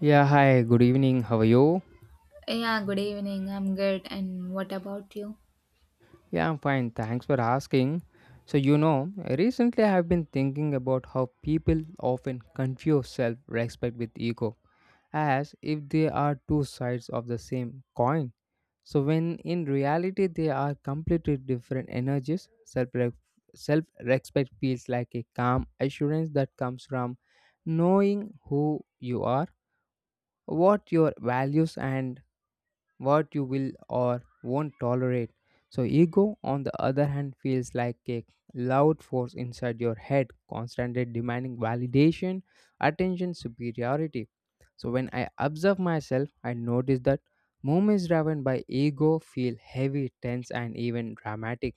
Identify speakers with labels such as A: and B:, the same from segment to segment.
A: Yeah, hi, good evening. How are you?
B: Yeah, good evening. I'm good. And what about you?
A: Yeah, I'm fine. Thanks for asking. So, you know, recently I've been thinking about how people often confuse self respect with ego as if they are two sides of the same coin. So, when in reality they are completely different energies, self respect feels like a calm assurance that comes from knowing who you are, what your values and what you will or won't tolerate. So, ego, on the other hand, feels like a loud force inside your head, constantly demanding validation, attention, superiority. So, when I observe myself, I notice that moments driven by ego feel heavy, tense, and even dramatic.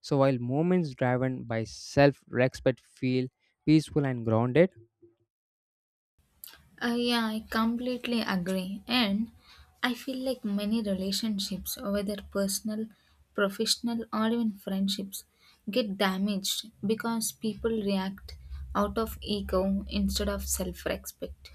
A: So, while moments driven by self respect feel peaceful and grounded.
B: Yeah, I completely agree. And I feel like many relationships, whether personal, professional, or even friendships, get damaged because people react out of ego instead of self respect.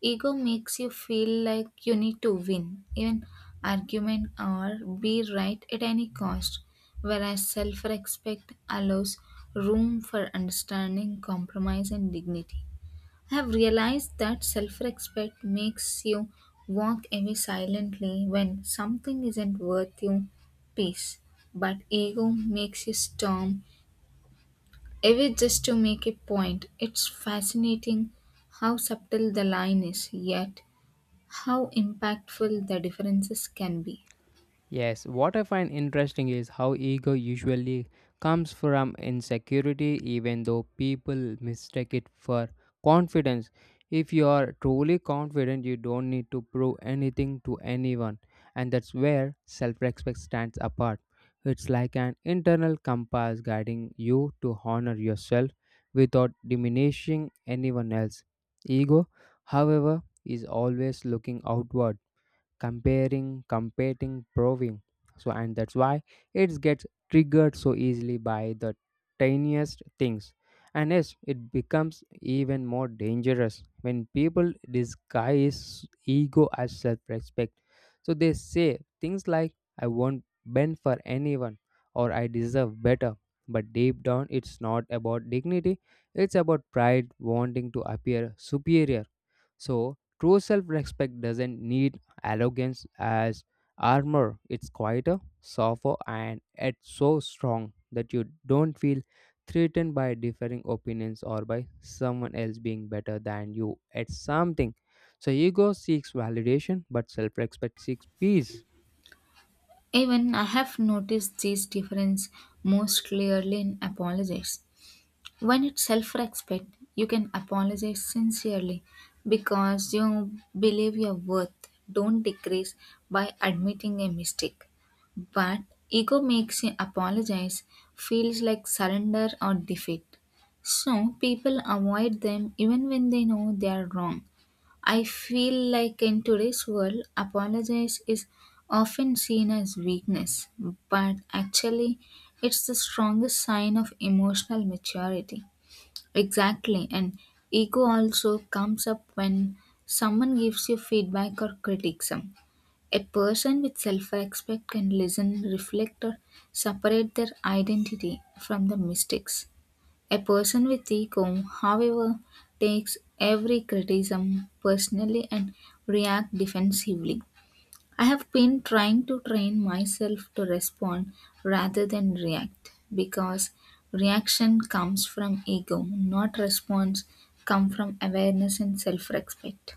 B: Ego makes you feel like you need to win, even argument or be right at any cost, whereas self respect allows room for understanding, compromise, and dignity. I have realized that self respect makes you walk away silently when something isn't worth you peace, but ego makes you storm away just to make a point. It's fascinating how subtle the line is, yet how impactful the differences can be.
A: Yes, what I find interesting is how ego usually comes from insecurity, even though people mistake it for confidence. If you are truly confident, you don't need to prove anything to anyone, and that's where self respect stands apart. It's like an internal compass guiding you to honor yourself without diminishing anyone else. Ego, however, is always looking outward, comparing, competing, proving. So, and that's why it gets triggered so easily by the tiniest things. And yes, it becomes even more dangerous when people disguise ego as self respect. So, they say things like, I won't bend for anyone or I deserve better. But deep down, it's not about dignity, it's about pride wanting to appear superior. So, true self respect doesn't need arrogance as armor, it's quieter, softer, and it's so strong that you don't feel threatened by differing opinions or by someone else being better than you at something. So, ego seeks validation, but self respect seeks peace.
B: Even I have noticed this difference most clearly in apologies. When it's self respect, you can apologize sincerely because you believe your worth don't decrease by admitting a mistake. But ego makes you apologize feels like surrender or defeat. So people avoid them even when they know they are wrong. I feel like in today's world, apologize is often seen as weakness, but actually, it's the strongest sign of emotional maturity. Exactly, and ego also comes up when someone gives you feedback or criticism. A person with self respect can listen, reflect, or separate their identity from the mistakes. A person with ego, however, takes every criticism personally and react defensively. I have been trying to train myself to respond rather than react because reaction comes from ego, not response come from awareness and self-respect.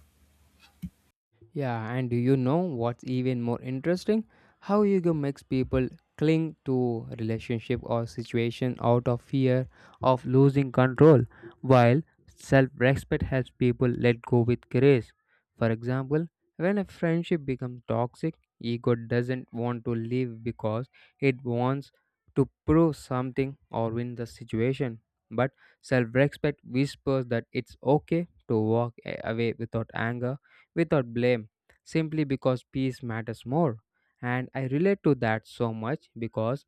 A: Yeah, and do you know what's even more interesting? How ego makes people cling to relationship or situation out of fear of losing control, while self-respect helps people let go with grace. For example, when a friendship becomes toxic, ego doesn't want to leave because it wants to prove something or win the situation. But self-respect whispers that it's okay to walk away without anger, without blame, simply because peace matters more. And I relate to that so much because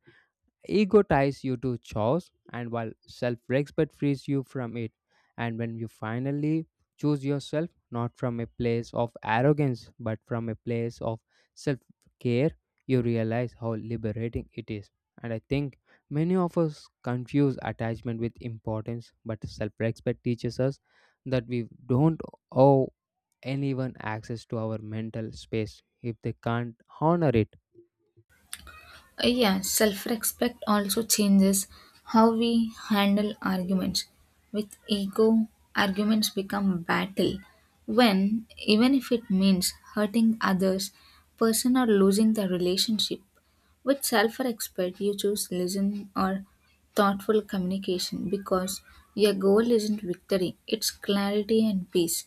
A: ego ties you to chores and while self respect frees you from it. And when you finally choose yourself, not from a place of arrogance but from a place of self care, you realize how liberating it is. And I think many of us confuse attachment with importance, but self respect teaches us that we don't owe anyone access to our mental space if they can't honor it.
B: Yeah, self respect also changes how we handle arguments. With ego, arguments become battle when, even if it means hurting others, person or losing the relationship. With self respect, you choose listen or thoughtful communication because your goal isn't victory, it's clarity and peace.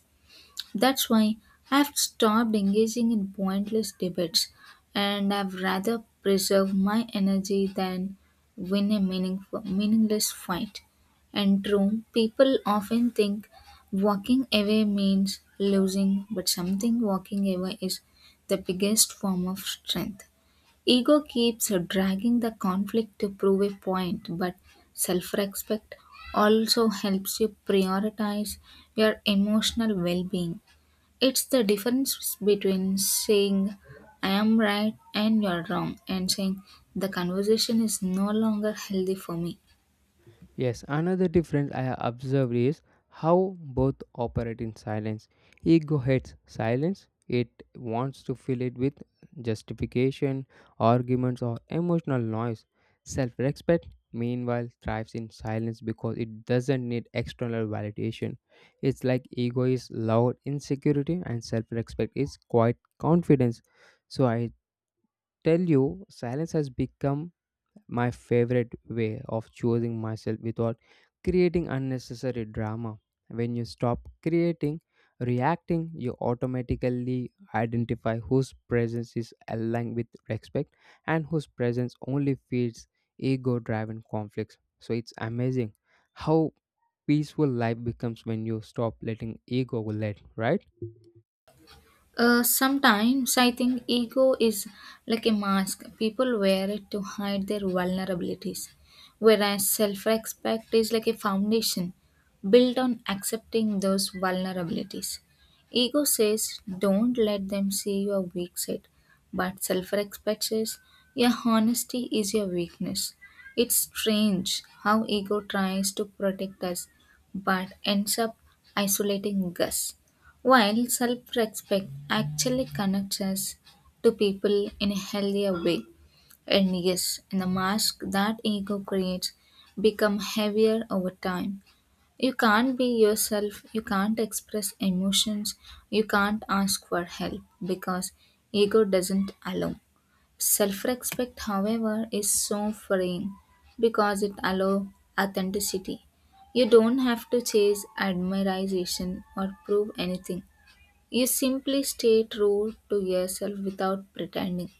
B: That's why I've stopped engaging in pointless debates, and I've rather preserve my energy than win a meaningless fight. And true, people often think walking away means losing, but something walking away is the biggest form of strength. Ego keeps dragging the conflict to prove a point, but self respect also helps you prioritize your emotional well being. It's the difference between saying, "I am right and you're wrong," and saying, "The conversation is no longer healthy for me."
A: Yes, another difference I have observed is how both operate in silence. Ego hates silence, it wants to fill it with justification, arguments, or emotional noise. Self respect, meanwhile, thrives in silence because it doesn't need external validation. It's like ego is loud insecurity and self respect is quiet confidence. So I tell you, silence has become my favorite way of choosing myself without creating unnecessary drama. When you stop creating, reacting, you automatically identify whose presence is aligned with respect and whose presence only feeds ego driven conflicts. So it's amazing how peaceful life becomes when you stop letting ego lead, right?
B: Sometimes I think ego is like a mask. People wear it to hide their vulnerabilities, whereas self respect is like a foundation built on accepting those vulnerabilities. Ego says, don't let them see your weak side, but self respect says, your honesty is your weakness. It's strange how ego tries to protect us but ends up isolating us. While self respect actually connects us to people in a healthier way, and yes, the mask that ego creates become heavier over time. You can't be yourself, you can't express emotions, you can't ask for help because ego doesn't allow. Self respect, however, is so freeing because it allows authenticity. You don't have to chase admiration or prove anything. You simply stay true to yourself without pretending.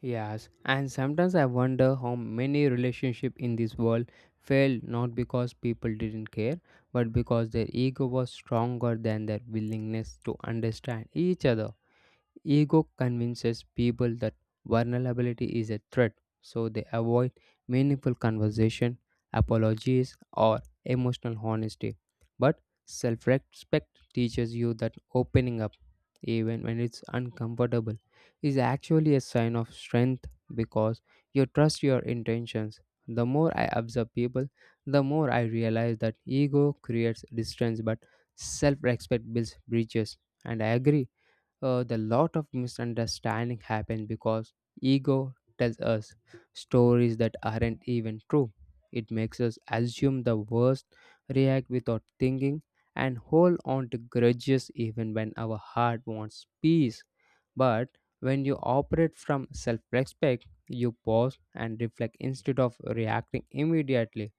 A: Yes, and sometimes I wonder how many relationships in this world failed not because people didn't care, but because their ego was stronger than their willingness to understand each other. Ego convinces people that vulnerability is a threat, so they avoid meaningful conversation, apologies, or emotional honesty. But self respect teaches you that opening up, even when it's uncomfortable, is actually a sign of strength because you trust your intentions. The more I observe people, the more I realize that ego creates distance, but self respect builds bridges. And I agree, the lot of misunderstanding happen because ego tells us stories that aren't even true. It makes us assume the worst, react without thinking, and hold on to grudges even when our heart wants peace. But when you operate from self respect, you pause and reflect instead of reacting immediately,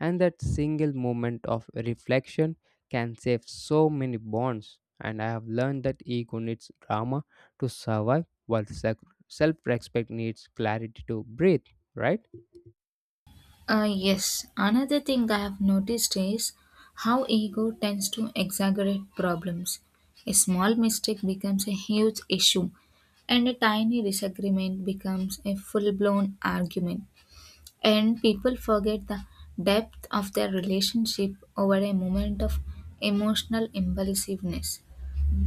A: and that single moment of reflection can save so many bonds. And I have learned that ego needs drama to survive, while self respect needs clarity to breathe, right?
B: Yes, another thing I have noticed is how ego tends to exaggerate problems. A small mistake becomes a huge issue, and a tiny disagreement becomes a full blown argument, and people forget the depth of their relationship over a moment of emotional impulsiveness.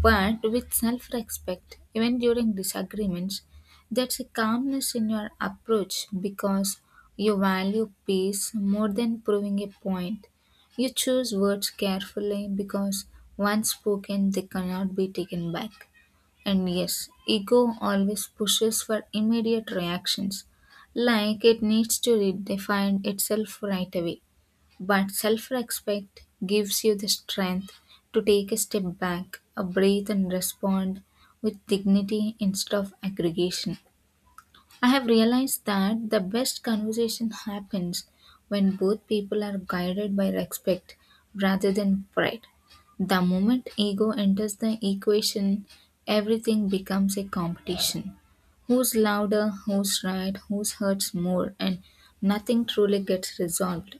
B: But with self respect, even during disagreements, there's a calmness in your approach because you value peace more than proving a point. You choose words carefully because once spoken, they cannot be taken back. And yes, ego always pushes for immediate reactions, like it needs to redefine itself right away. But self respect gives you the strength to take a step back, a breathe, and respond with dignity instead of aggregation. I have realized that the best conversation happens when both people are guided by respect rather than pride. The moment ego enters the equation, everything becomes a competition. Who's louder, who's right, who's hurts more, and nothing truly gets resolved.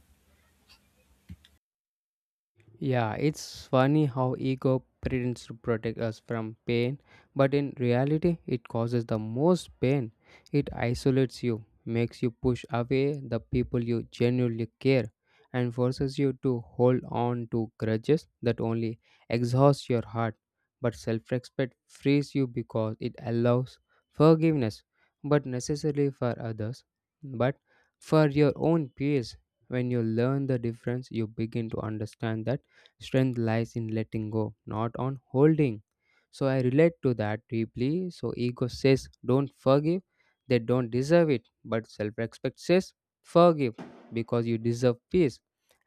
A: Yeah, it's funny how ego pretends to protect us from pain, but in reality, it causes the most pain. It isolates you, makes you push away the people you genuinely care, and forces you to hold on to grudges that only exhaust your heart. But self respect frees you because it allows forgiveness, but necessarily for others, but for your own peace. When you learn the difference, you begin to understand that strength lies in letting go, not on holding. So I relate to that deeply. So ego says, don't forgive, they don't deserve it. But self respect says, forgive because you deserve peace.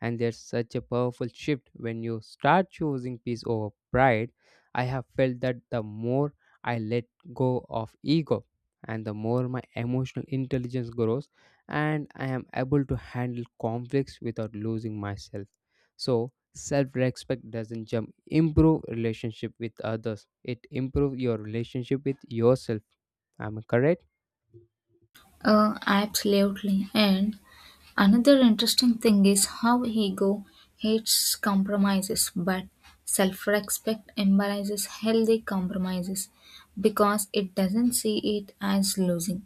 A: And there's such a powerful shift when you start choosing peace over pride. I have felt that the more I let go of ego and the more my emotional intelligence grows, and I am able to handle conflicts without losing myself. So, self-respect doesn't jump improve relationship with others, it improve your relationship with yourself. Am I correct?
B: Absolutely. And another interesting thing is how ego hates compromises, but self respect embraces healthy compromises because it doesn't see it as losing.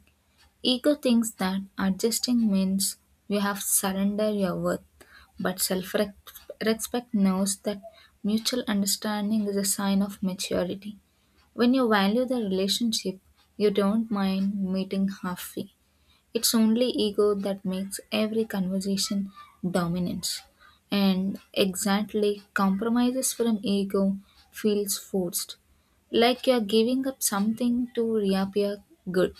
B: Ego thinks that adjusting means you have surrendered your worth, but self respect knows that mutual understanding is a sign of maturity. When you value the relationship, you don't mind meeting halfway. It's only ego that makes every conversation dominance. And exactly, compromises from ego feels forced. Like you're giving up something to reappear good.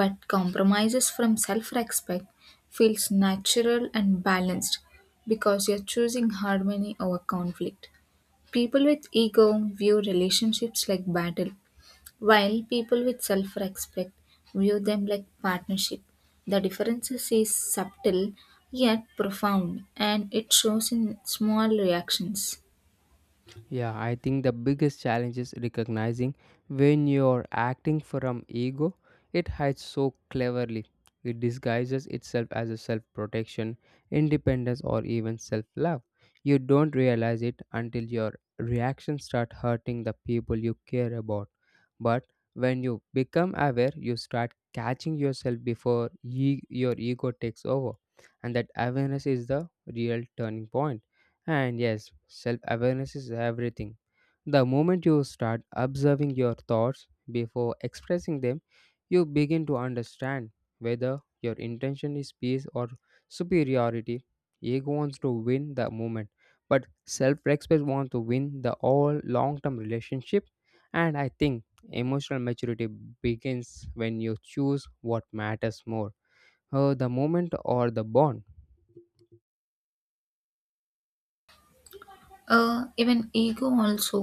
B: But compromises from self respect feels natural and balanced because you're choosing harmony over conflict. People with ego view relationships like battle, while people with self respect view them like partnership. The differences is subtle yet profound and it shows in small reactions.
A: Yeah, I think the biggest challenge is recognizing when you're acting from ego. It hides so cleverly, it disguises itself as a self-protection, independence or even self-love. You don't realize it until your reactions start hurting the people you care about. But when you become aware, you start catching yourself before your ego takes over. And that awareness is the real turning point. And yes, self awareness is everything. The moment you start observing your thoughts before expressing them, you begin to understand whether your intention is peace or superiority. Ego wants to win the moment, but self respect wants to win the all long term relationship. And I think emotional maturity begins when you choose what matters more, the moment or the bond.
B: Even ego also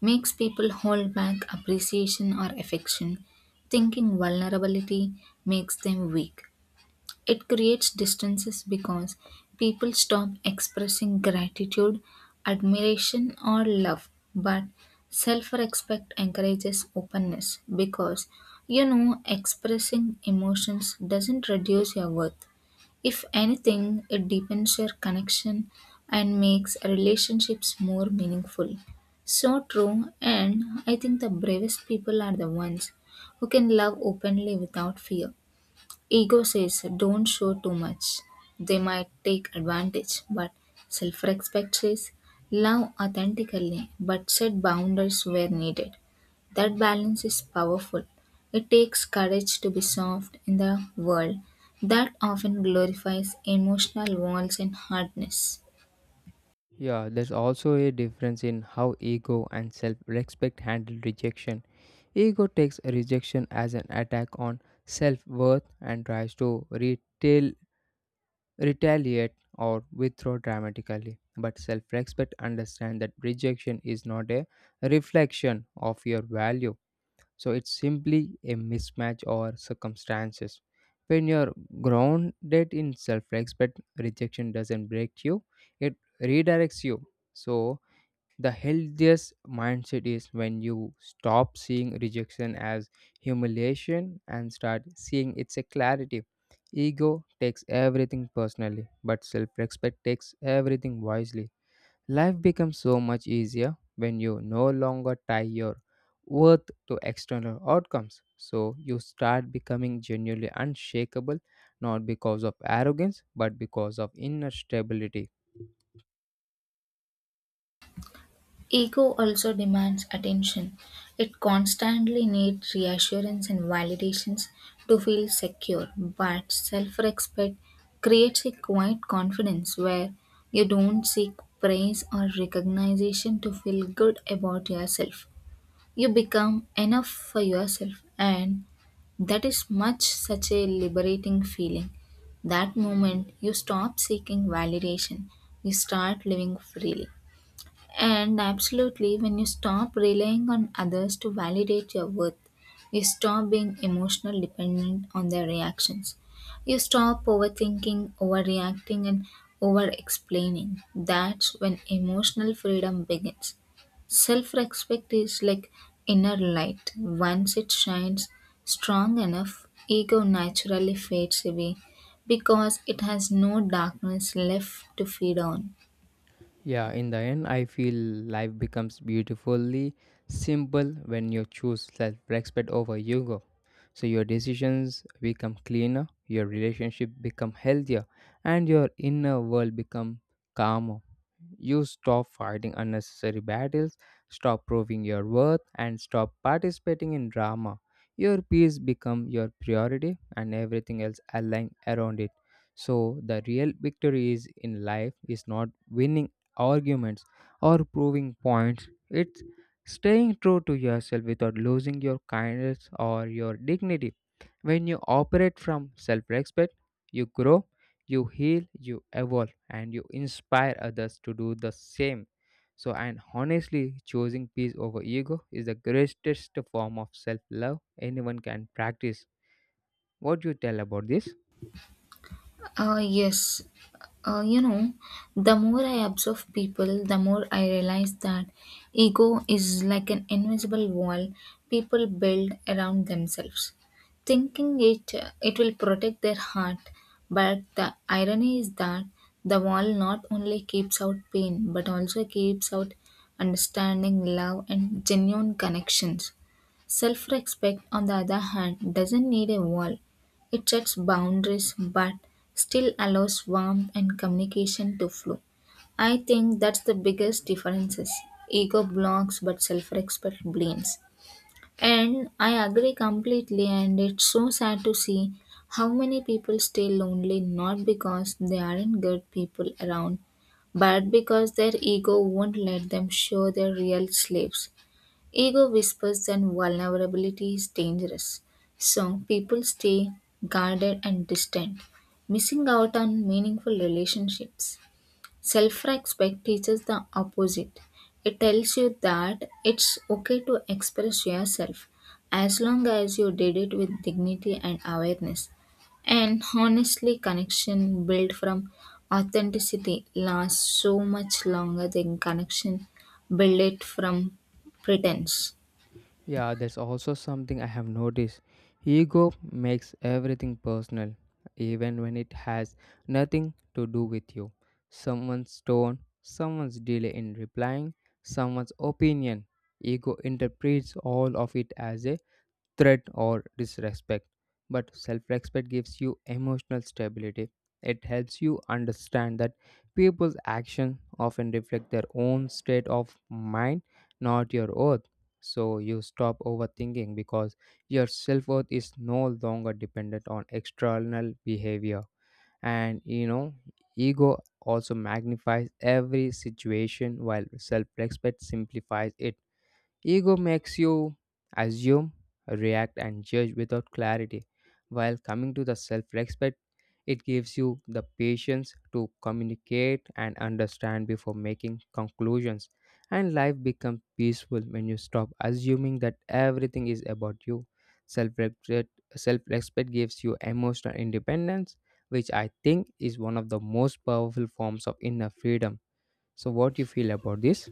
B: makes people hold back appreciation or affection, thinking vulnerability makes them weak. It creates distances because people stop expressing gratitude, admiration, or love. But self respect encourages openness because you know expressing emotions doesn't reduce your worth. If anything, it deepens your connection and makes relationships more meaningful. So true, and I think the bravest people are the ones who can love openly without fear. Ego says don't show too much. They might take advantage, but self respect says love authentically but set boundaries where needed. That balance is powerful. It takes courage to be soft in the world that often glorifies emotional walls and hardness.
A: Yeah, there's also a difference in how ego and self respect handle rejection. Ego takes rejection as an attack on self worth and tries to retaliate or withdraw dramatically. But self respect understands that rejection is not a reflection of your value, so it's simply a mismatch or circumstances. When you're grounded in self respect, rejection doesn't break you, it redirects you. So, the healthiest mindset is when you stop seeing rejection as humiliation and start seeing it's a clarity. Ego takes everything personally, but self respect takes everything wisely. Life becomes so much easier when you no longer tie your worth to external outcomes. So you start becoming genuinely unshakable, not because of arrogance, but because of inner stability.
B: Ego also demands attention. It constantly needs reassurance and validations to feel secure, but self respect creates a quiet confidence where you don't seek praise or recognition to feel good about yourself. You become enough for yourself, and that is much such a liberating feeling. That moment you stop seeking validation, you start living freely. And absolutely, when you stop relying on others to validate your worth, you stop being emotional dependent on their reactions. You stop overthinking, overreacting, and over explaining. That's when emotional freedom begins. Self respect is like inner light. Once it shines strong enough, ego naturally fades away because it has no darkness left to feed on.
A: Yeah, in the end, I feel life becomes beautifully simple when you choose self respect over ego. So your decisions become cleaner, your relationship become healthier, and your inner world become calmer. You stop fighting unnecessary battles, stop proving your worth and stop participating in drama. Your peace become your priority and everything else align around it. So the real victory is in life is not winning arguments or proving points, it's staying true to yourself without losing your kindness or your dignity. When you operate from self respect, you grow, you heal, you evolve, and you inspire others to do the same. So, and honestly, choosing peace over ego is the greatest form of self love anyone can practice. What do you tell about this?
B: Yes. You know, the more I observe people, the more I realize that ego is like an invisible wall people build around themselves, thinking it will protect their heart. But the irony is that the wall not only keeps out pain but also keeps out understanding, love, and genuine connections. Self respect, on the other hand, doesn't need a wall. It sets boundaries but still allows warmth and communication to flow. I think that's the biggest differences. Ego blocks but self respect blames. And I agree completely, and it's so sad to see how many people stay lonely not because they aren't good people around, but because their ego won't let them show their real selves. Ego whispers that vulnerability is dangerous, so people stay guarded and distant, missing out on meaningful relationships. Self respect teaches the opposite. It tells you that it's okay to express yourself as long as you did it with dignity and awareness. And honestly, connection built from authenticity lasts so much longer than connection built from pretense.
A: Yeah, there's also something I have noticed. Ego makes everything personal, even when it has nothing to do with you. Someone's tone, someone's delay in replying, someone's opinion. Ego interprets all of it as a threat or disrespect. But self respect gives you emotional stability. It helps you understand that people's actions often reflect their own state of mind, not your worth. So you stop overthinking because your self worth is no longer dependent on external behavior. And you know, ego also magnifies every situation while self respect simplifies it. Ego makes you assume, react, and judge without clarity, while coming to the self respect, it gives you the patience to communicate and understand before making conclusions. And life becomes peaceful when you stop assuming that everything is about you. Self respect Self respect gives you emotional independence, which I think is one of the most powerful forms of inner freedom. So, what do you feel about this?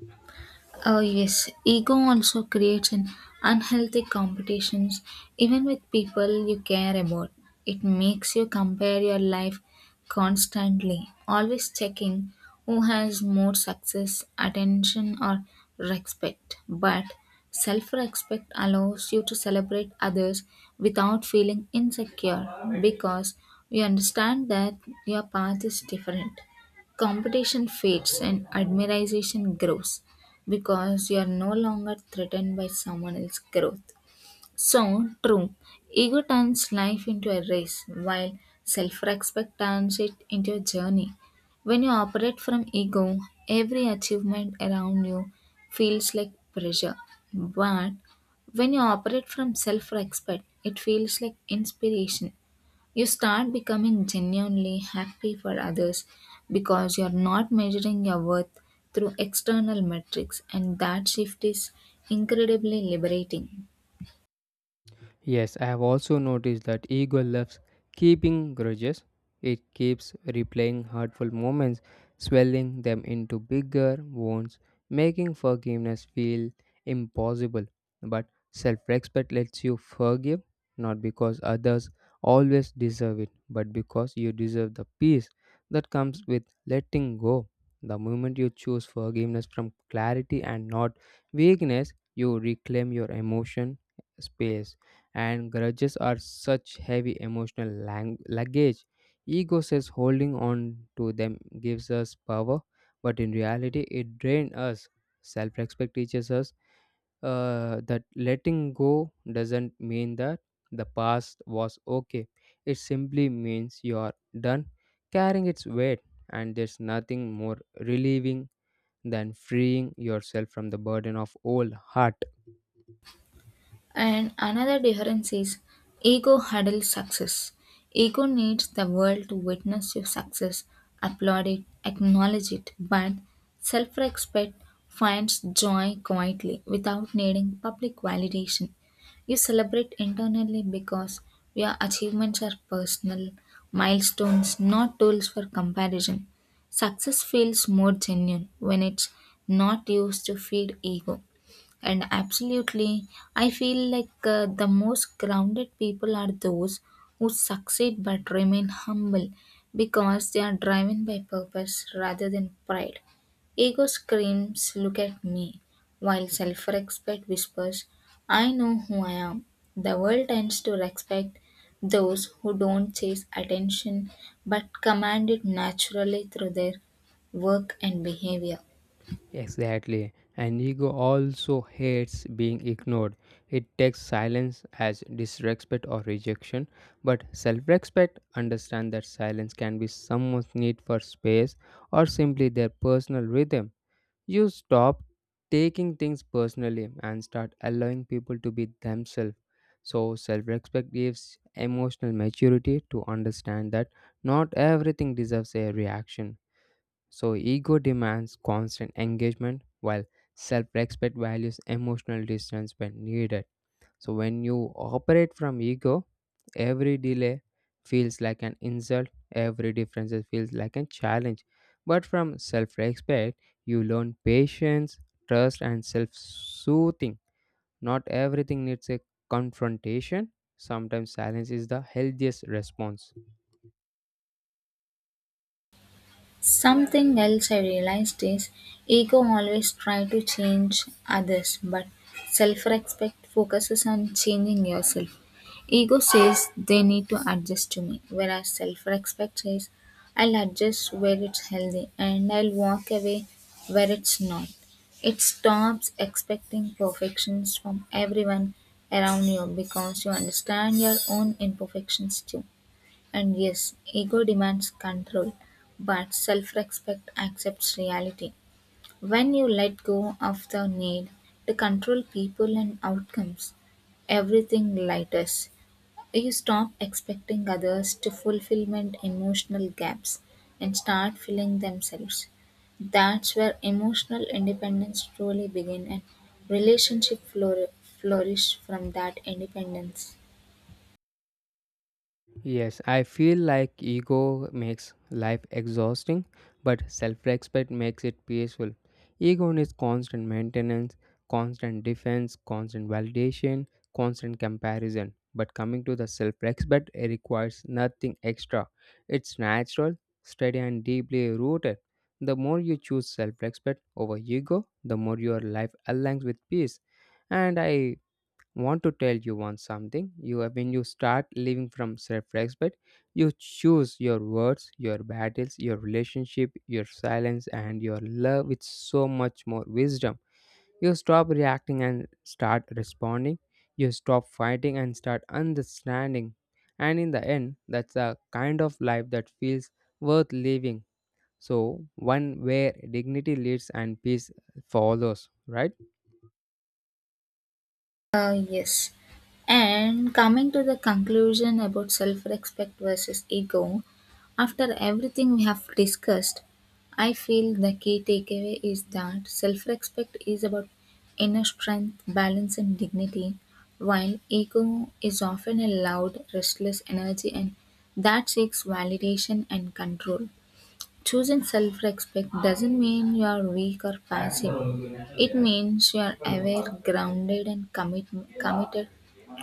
B: Oh yes, ego also creates an unhealthy competitions even with people you care about. It makes you compare your life constantly, always checking who has more success, attention or respect. But self-respect allows you to celebrate others without feeling insecure because you understand that your path is different. Competition fades and admiration grows because you are no longer threatened by someone else's growth. So, true, ego turns life into a race, while self respect turns it into a journey. When you operate from ego, every achievement around you feels like pressure. But when you operate from self respect, it feels like inspiration. You start becoming genuinely happy for others because you're not measuring your worth through external metrics, and that shift is incredibly liberating.
A: Yes, I have also noticed that ego loves keeping grudges. It keeps replaying hurtful moments, swelling them into bigger wounds, making forgiveness feel impossible. But self respect lets you forgive not because others always deserve it, but because you deserve the peace that comes with letting go. The moment you choose forgiveness from clarity and not weakness, you reclaim your emotion space. And grudges are such heavy emotional luggage. Ego says holding on to them gives us power, but in reality, it drains us. Self respect teaches us that letting go doesn't mean that the past was okay, it simply means you are done carrying its weight, and there's nothing more relieving than freeing yourself from the burden of old heart.
B: And another difference is ego huddles success. Ego needs the world to witness your success, applaud it, acknowledge it, but self respect finds joy quietly without needing public validation. You celebrate internally because your achievements are personal, milestones, not tools for comparison. Success feels more genuine when it's not used to feed ego. And absolutely, I feel like the most grounded people are those who succeed but remain humble because they are driven by purpose rather than pride. Ego screams, "Look at me," while self respect whispers, "I know who I am." The world tends to respect those who don't chase attention but command it naturally through their work and behavior.
A: Exactly. And ego also hates being ignored. It takes silence as disrespect or rejection. But self respect understands that silence can be someone's need for space or simply their personal rhythm. You stop taking things personally and start allowing people to be themselves. So, self respect gives emotional maturity to understand that not everything deserves a reaction. So, ego demands constant engagement, while self respect values emotional distance when needed. So, when you operate from ego, every delay feels like an insult, every difference feels like a challenge. But from self respect, you learn patience, trust, and self soothing. Not everything needs a confrontation, sometimes silence is the healthiest response.
B: Something else I realized is ego always try to change others, but self-respect focuses on changing yourself. Ego says they need to adjust to me, whereas self-respect says I'll adjust where it's healthy and I'll walk away where it's not. It stops expecting perfections from everyone around you because you understand your own imperfections too. And yes, ego demands control, but self respect accepts reality. When you let go of the need to control people and outcomes, everything lightens. You stop expecting others to fulfillment emotional gaps and start filling themselves. That's where emotional independence truly begins and relationship flourish from that independence.
A: Yes, I feel like ego makes life exhausting, but self respect makes it peaceful. Ego needs constant maintenance, constant defense, constant validation, constant comparison. But coming to the self respect, it requires nothing extra. It's natural, steady, and deeply rooted. The more you choose self respect over ego, the more your life aligns with peace. And I want to tell you one something you when you start living from self-respect, you choose your words, your battles, your relationship, your silence, and your love with so much more wisdom. You stop reacting and start responding, you stop fighting and start understanding, and in the end, that's a kind of life that feels worth living. So one where dignity leads and peace follows, right?
B: Yes. And coming to the conclusion about self respect versus ego, after everything we have discussed, I feel the key takeaway is that self respect is about inner strength, balance, and dignity, while ego is often a loud, restless energy and that seeks validation and control. Choosing self respect doesn't mean you are weak or passive. It means you are aware, grounded, and committed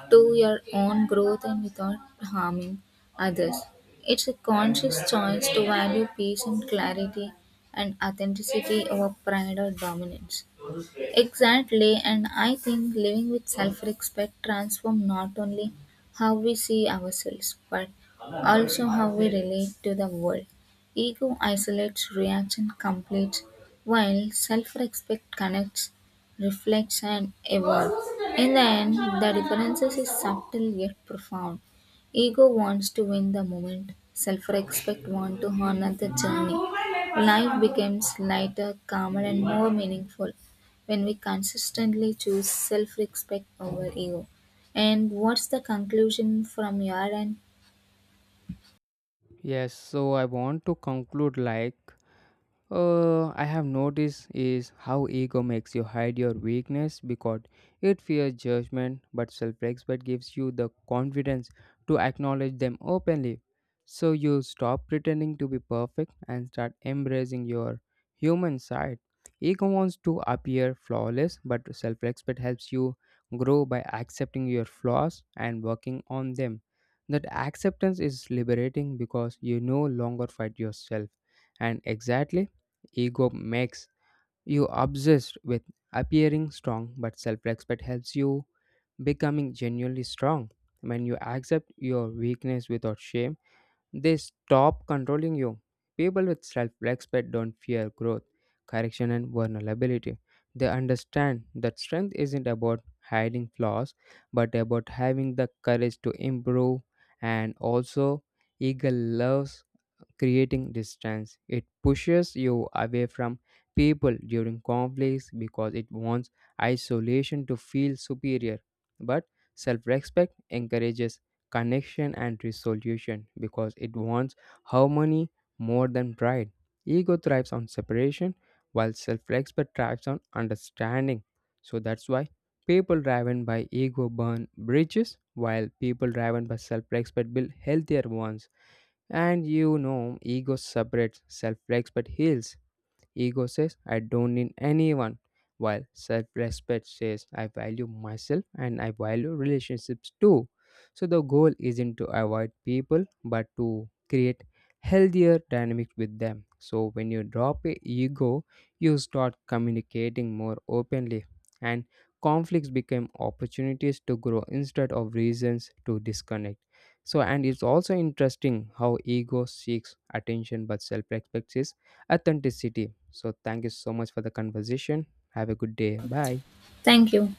B: to your own growth and without harming others. It's a conscious choice to value peace and clarity and authenticity over pride or dominance. Exactly, and I think living with self respect transforms not only how we see ourselves but also how we relate to the world. Ego isolates, reaction completes, while self-respect connects, reflects, and evolves. In the end, the differences is subtle yet profound. Ego wants to win the moment. Self-respect wants to honor the journey. Life becomes lighter, calmer, and more meaningful when we consistently choose self-respect over ego. And what's the conclusion from your end?
A: Yes, so I want to conclude like I have noticed is how ego makes you hide your weakness because it fears judgment, but self-respect gives you the confidence to acknowledge them openly. So you stop pretending to be perfect and start embracing your human side. Ego wants to appear flawless, but self-respect helps you grow by accepting your flaws and working on them. That acceptance is liberating because you no longer fight yourself. And exactly, ego makes you obsessed with appearing strong, but self respect helps you becoming genuinely strong. When you accept your weakness without shame, they stop controlling you. People with self respect don't fear growth, correction, and vulnerability. They understand that strength isn't about hiding flaws, but about having the courage to improve. And also, eagle loves creating distance. It pushes you away from people during conflicts because it wants isolation to feel superior. But self respect encourages connection and resolution because it wants harmony more than pride. Ego thrives on separation while self respect thrives on understanding. So that's why people driven by ego burn bridges while people driven by self respect build healthier ones. And you know, ego separates, self respect heals. Ego says, I don't need anyone, while self respect says, I value myself and I value relationships too. So the goal isn't to avoid people but to create healthier dynamics with them. So when you drop your ego, you start communicating more openly, and conflicts become opportunities to grow instead of reasons to disconnect. So and it's also interesting how ego seeks attention but self-respect authenticity. So, thank you so much for the conversation. Have a good day. Bye.
B: Thank you.